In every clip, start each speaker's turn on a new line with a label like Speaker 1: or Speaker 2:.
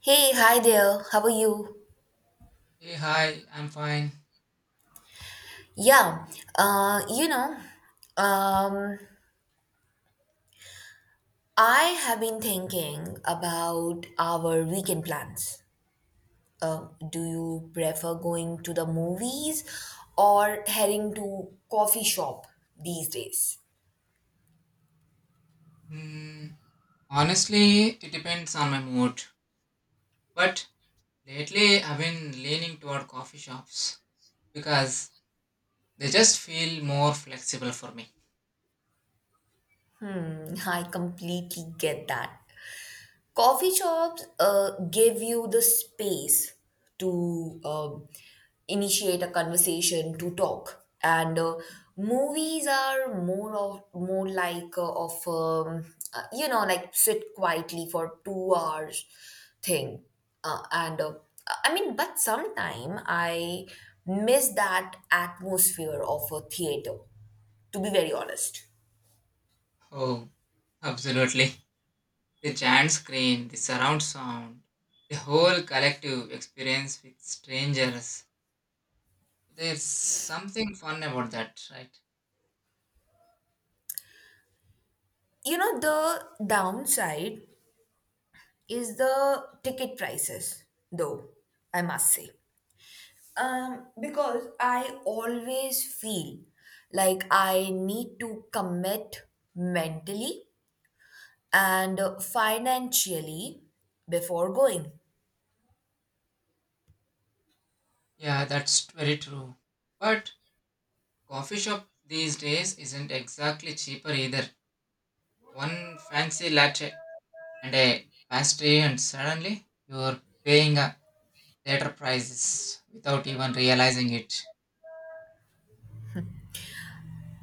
Speaker 1: Hey, hi there. How are you?
Speaker 2: Hey, hi, I'm fine.
Speaker 1: Yeah, uh, you know, um, I have been thinking about our weekend plans. Do you prefer going to the movies or heading to coffee shop these days?
Speaker 2: Hmm, honestly, it depends on my mood. But lately, I've been leaning toward coffee shops because they just feel more flexible for me.
Speaker 1: Mm, I completely get that. Coffee shops give you the space to initiate a conversation, to talk, and movies are more like of you know like sit quietly for 2 hours thing, and but sometime I miss that atmosphere of a theater. To be very honest,
Speaker 2: Oh, absolutely. The giant screen, the surround sound, the whole collective experience with strangers. There's something fun about that, right?
Speaker 1: you know the downside is the ticket prices, though, I must say. Because I always feel like I need to commit mentally and financially before going.
Speaker 2: Yeah, that's very true. But coffee shop these days isn't exactly cheaper either. One fancy latte and a pastry and suddenly you're paying a later prices without even realizing it.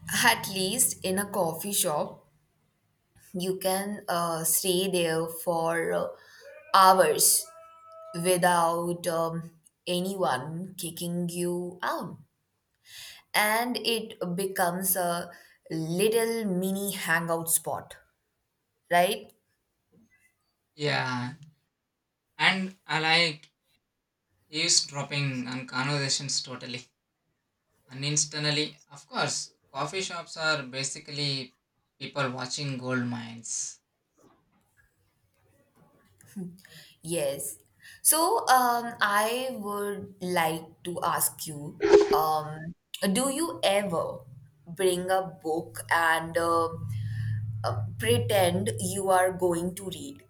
Speaker 1: At least in a coffee shop, you can stay there for hours without anyone kicking you out. And it becomes a little mini hangout spot, right?
Speaker 2: Yeah, and I like eavesdropping on conversations totally, and instantly of course coffee shops are basically people watching gold mines.
Speaker 1: Yes. So, I would like to ask you, um, do you ever bring a book and pretend you are going to read,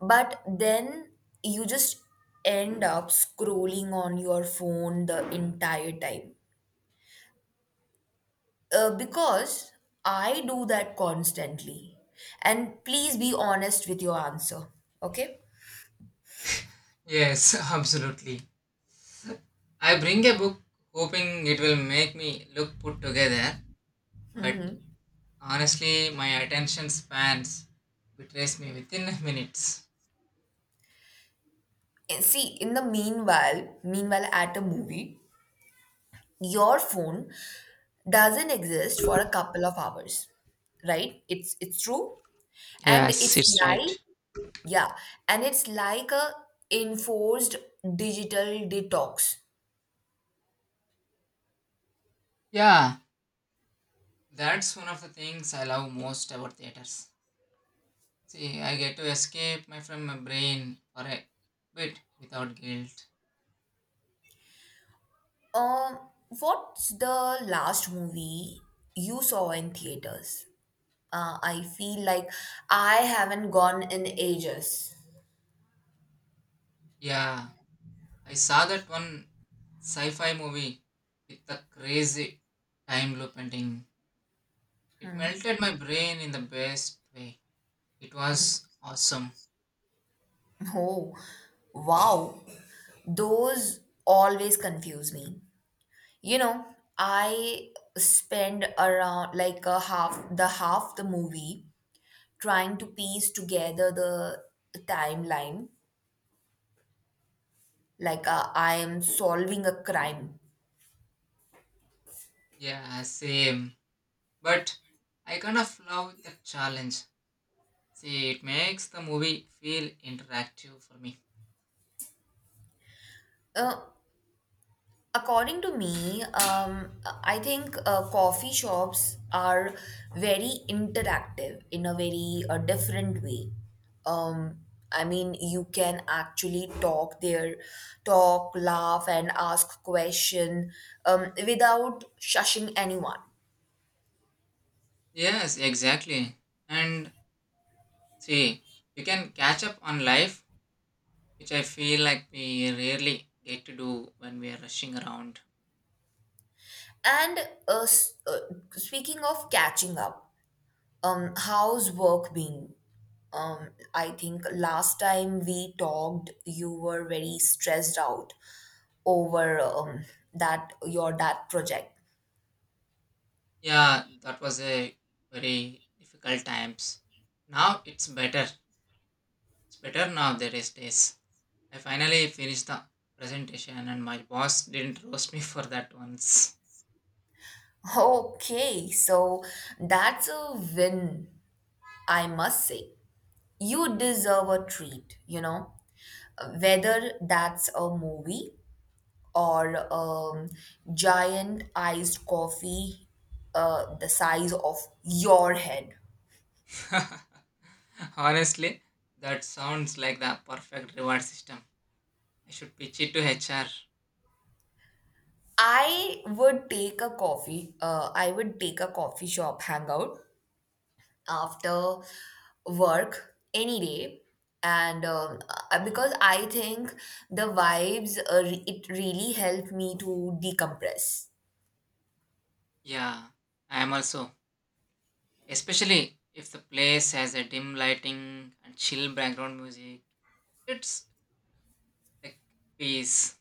Speaker 1: but then you just end up scrolling on your phone the entire time? Because I do that constantly. And please be honest with your answer, okay?
Speaker 2: Yes, absolutely. I bring a book hoping it will make me look put together, but honestly my attention spans betrays me within minutes.
Speaker 1: And see, in the meanwhile, at a movie, your phone doesn't exist for a couple of hours, right? It's true, and
Speaker 2: Yes,
Speaker 1: it's
Speaker 2: it's
Speaker 1: like
Speaker 2: right.
Speaker 1: yeah, and it's like a enforced digital detox.
Speaker 2: Yeah, that's one of the things I love most about theaters. See, I get to escape my from my brain for a bit without guilt.
Speaker 1: Um, what's the last movie you saw in theaters? I feel like I haven't gone in ages.
Speaker 2: Yeah, I saw that one sci-fi movie with the crazy time loop ending. It melted my brain in the best way. It was awesome.
Speaker 1: Oh, wow. Those always confuse me. You know, I spend around like a half the movie trying to piece together the timeline like I am solving a crime.
Speaker 2: Yeah, same. But I kind of love the challenge. See, it makes the movie feel interactive for me.
Speaker 1: Uh, According to me, I think coffee shops are very interactive in a very different way. Um, you can actually talk there, talk, laugh, and ask question without shushing anyone.
Speaker 2: Yes, exactly. And see, you can catch up on life, which I feel like we rarely get to do when we are rushing around.
Speaker 1: And uh, s- uh, speaking of catching up, how's work been? I think last time we talked, you were very stressed out over that project.
Speaker 2: Yeah, that was a very difficult times. Now it's better. It's better now there is days. I finally finished the presentation and my boss didn't roast me for that once.
Speaker 1: Okay, so that's a win, I must say. You deserve a treat, you know, whether that's a movie or giant iced coffee the size of your head.
Speaker 2: Honestly, that sounds like the perfect reward system. I should pitch it to HR.
Speaker 1: I would take a coffee shop hangout after work any day and because I think the vibes it really helped me to decompress.
Speaker 2: Yeah, I am also, especially if the place has a dim lighting and chill background music, it's like peace.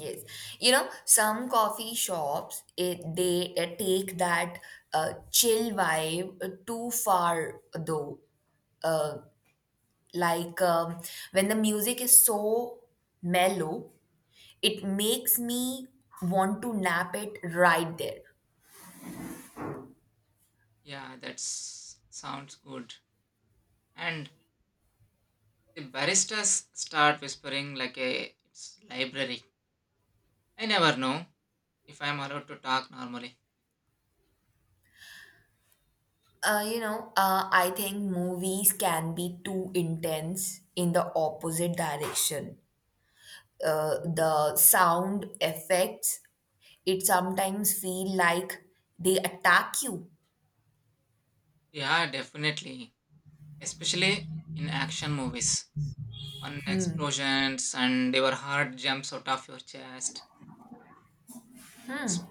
Speaker 1: Yes, you know some coffee shops they take that chill vibe too far, though, uh, like um, when the music is so mellow it makes me want to nap it right there.
Speaker 2: Yeah, that sounds good. And the baristas start whispering like a it's library. I never know if I'm allowed to talk normally.
Speaker 1: I think movies can be too intense in the opposite direction. The sound effects, it sometimes feel like they attack you.
Speaker 2: Yeah, definitely, especially in action movies on explosions and your heart jumps out of your chest. It's-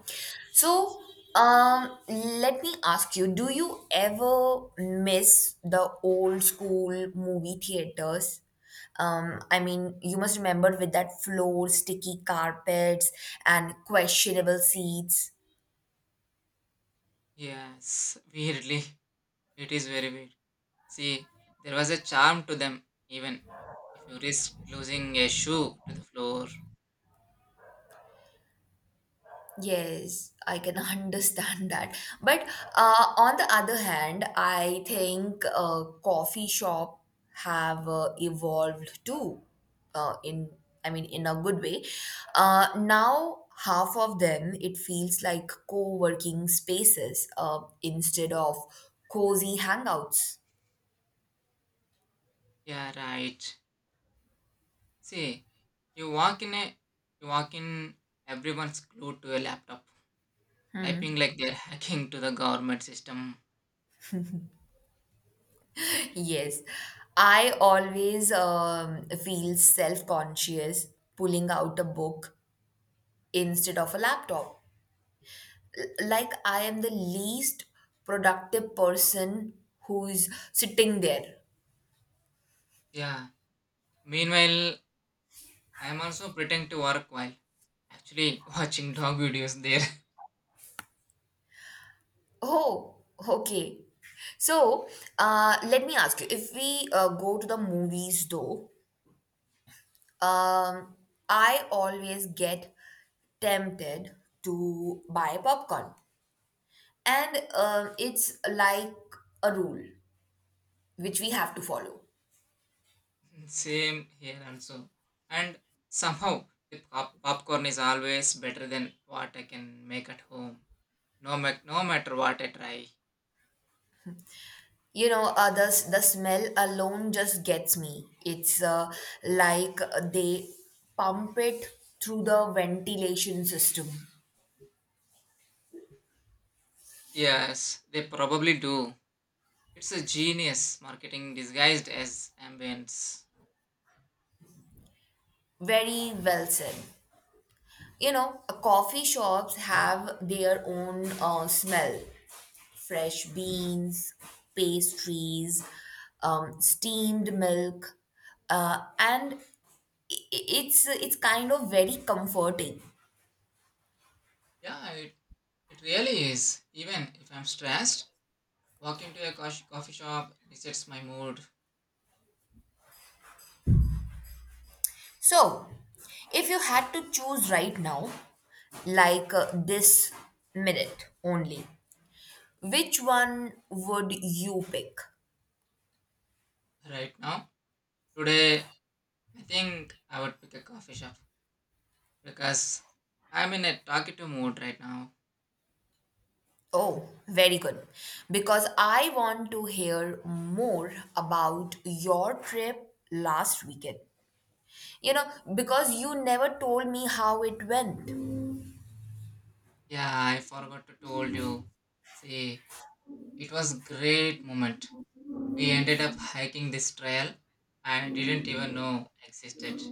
Speaker 1: So,
Speaker 2: it's-
Speaker 1: um, let me ask you, do you ever miss the old school movie theaters? You must remember with that floor, sticky carpets, and questionable seats.
Speaker 2: yes, weirdly, it is very weird. See, there was a charm to them, even if you risk losing a shoe to the floor.
Speaker 1: Yes, I can understand that. But on the other hand, I think coffee shop have evolved too. Uh, in in a good way. Now half of them it feels like co-working spaces instead of cozy hangouts.
Speaker 2: Yeah, right. See, you walk in a, you walk in, everyone's glued to a laptop, typing like they're hacking to the government system.
Speaker 1: Yes, I always feel self conscious pulling out a book instead of a laptop, like I am the least productive person who's sitting there.
Speaker 2: Yeah. Meanwhile, I am also pretending to work while actually watching dog videos there.
Speaker 1: Oh, okay. So, let me ask you, if we go to the movies though, um, I always get tempted to buy popcorn, and it's like a rule which we have to follow.
Speaker 2: Same here also. And somehow, the popcorn is always better than what I can make at home. No, no matter what I try.
Speaker 1: You know, the smell alone just gets me. It's like they pump it through the ventilation system.
Speaker 2: Yes, they probably do. It's a genius marketing disguised as ambience.
Speaker 1: Very well said. You know, coffee shops have their own smell: fresh beans, pastries, steamed milk, and I- it's kind of very comforting.
Speaker 2: Yeah, it really is. Even if I'm stressed, walk into a coffee shop resets my mood
Speaker 1: So, if you had to choose right now, like this minute only. Which one would you pick?
Speaker 2: right now. Today, I think I would pick a coffee shop because I'm in a talkative mood right now.
Speaker 1: Oh, very good. Because I want to hear more about your trip last weekend. You know, because you never told me how it went.
Speaker 2: Yeah, I forgot to told you. See, it was great moment. We ended up hiking this trail I didn't even know existed,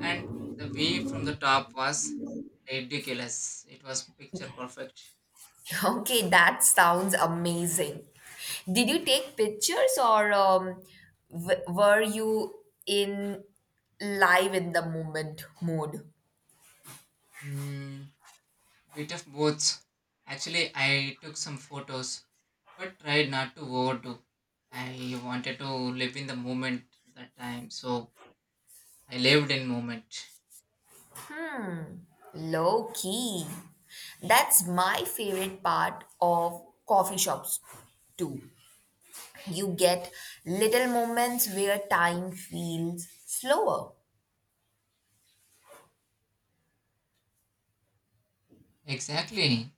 Speaker 2: and the view from the top was ridiculous. It was picture perfect.
Speaker 1: Okay, that sounds amazing. Did you take pictures or were you in live in the moment mode?
Speaker 2: Mm, bit of both. Actually, I took some photos, but tried not to overdo. I wanted to live in the moment that time, so I lived in moment.
Speaker 1: Low key. That's my favorite part of coffee shops too. You get little moments where time feels slower.
Speaker 2: Exactly.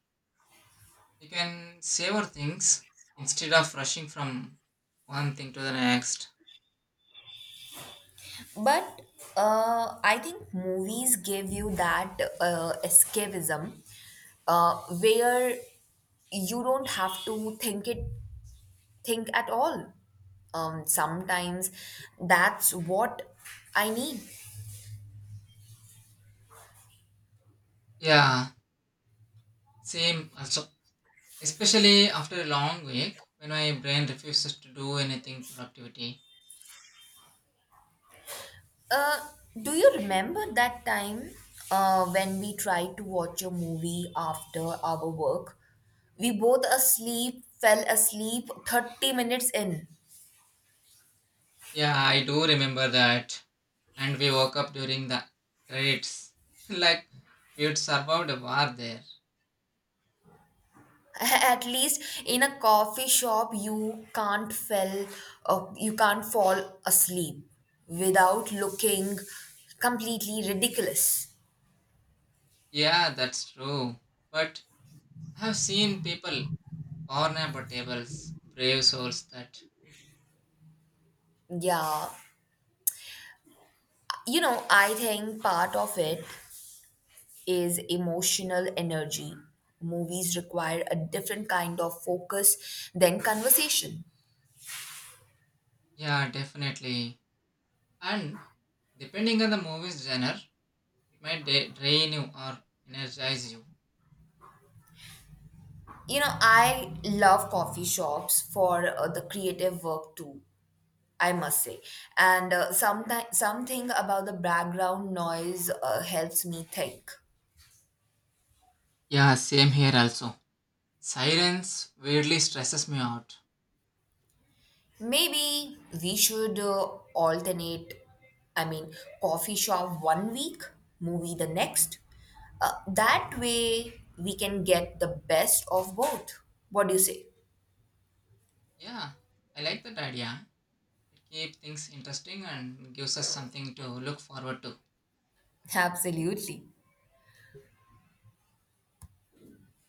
Speaker 2: You can savor things instead of rushing from one thing to the next.
Speaker 1: But I think movies give you that escapism where you don't have to think at all. Sometimes that's what I need.
Speaker 2: Yeah, same. Also, especially after a long week when my brain refuses to do anything productivity.
Speaker 1: Uh, do you remember that time when we tried to watch a movie after our work? We fell asleep 30 minutes in.
Speaker 2: Yeah, I do remember that. And we woke up during the credits like we'd survived a war there.
Speaker 1: At least in a coffee shop, you can't fall asleep without looking completely ridiculous.
Speaker 2: Yeah, that's true. But I have seen people vulnerable tables, brave souls that.
Speaker 1: Yeah, you know, I think part of it is emotional energy. Movies require a different kind of focus than conversation.
Speaker 2: Yeah, definitely. And depending on the movie's genre, it might drain you or energize you.
Speaker 1: You know, I love coffee shops for the creative work too. I must say, and sometimes something about the background noise helps me think.
Speaker 2: Yeah, same here also. Silence weirdly stresses me out.
Speaker 1: Maybe we should alternate, I mean, coffee shop one week, movie the next. That way we can get the best of both. What do you say?
Speaker 2: Yeah, I like that idea. It keeps things interesting and gives us something to look forward to.
Speaker 1: Absolutely.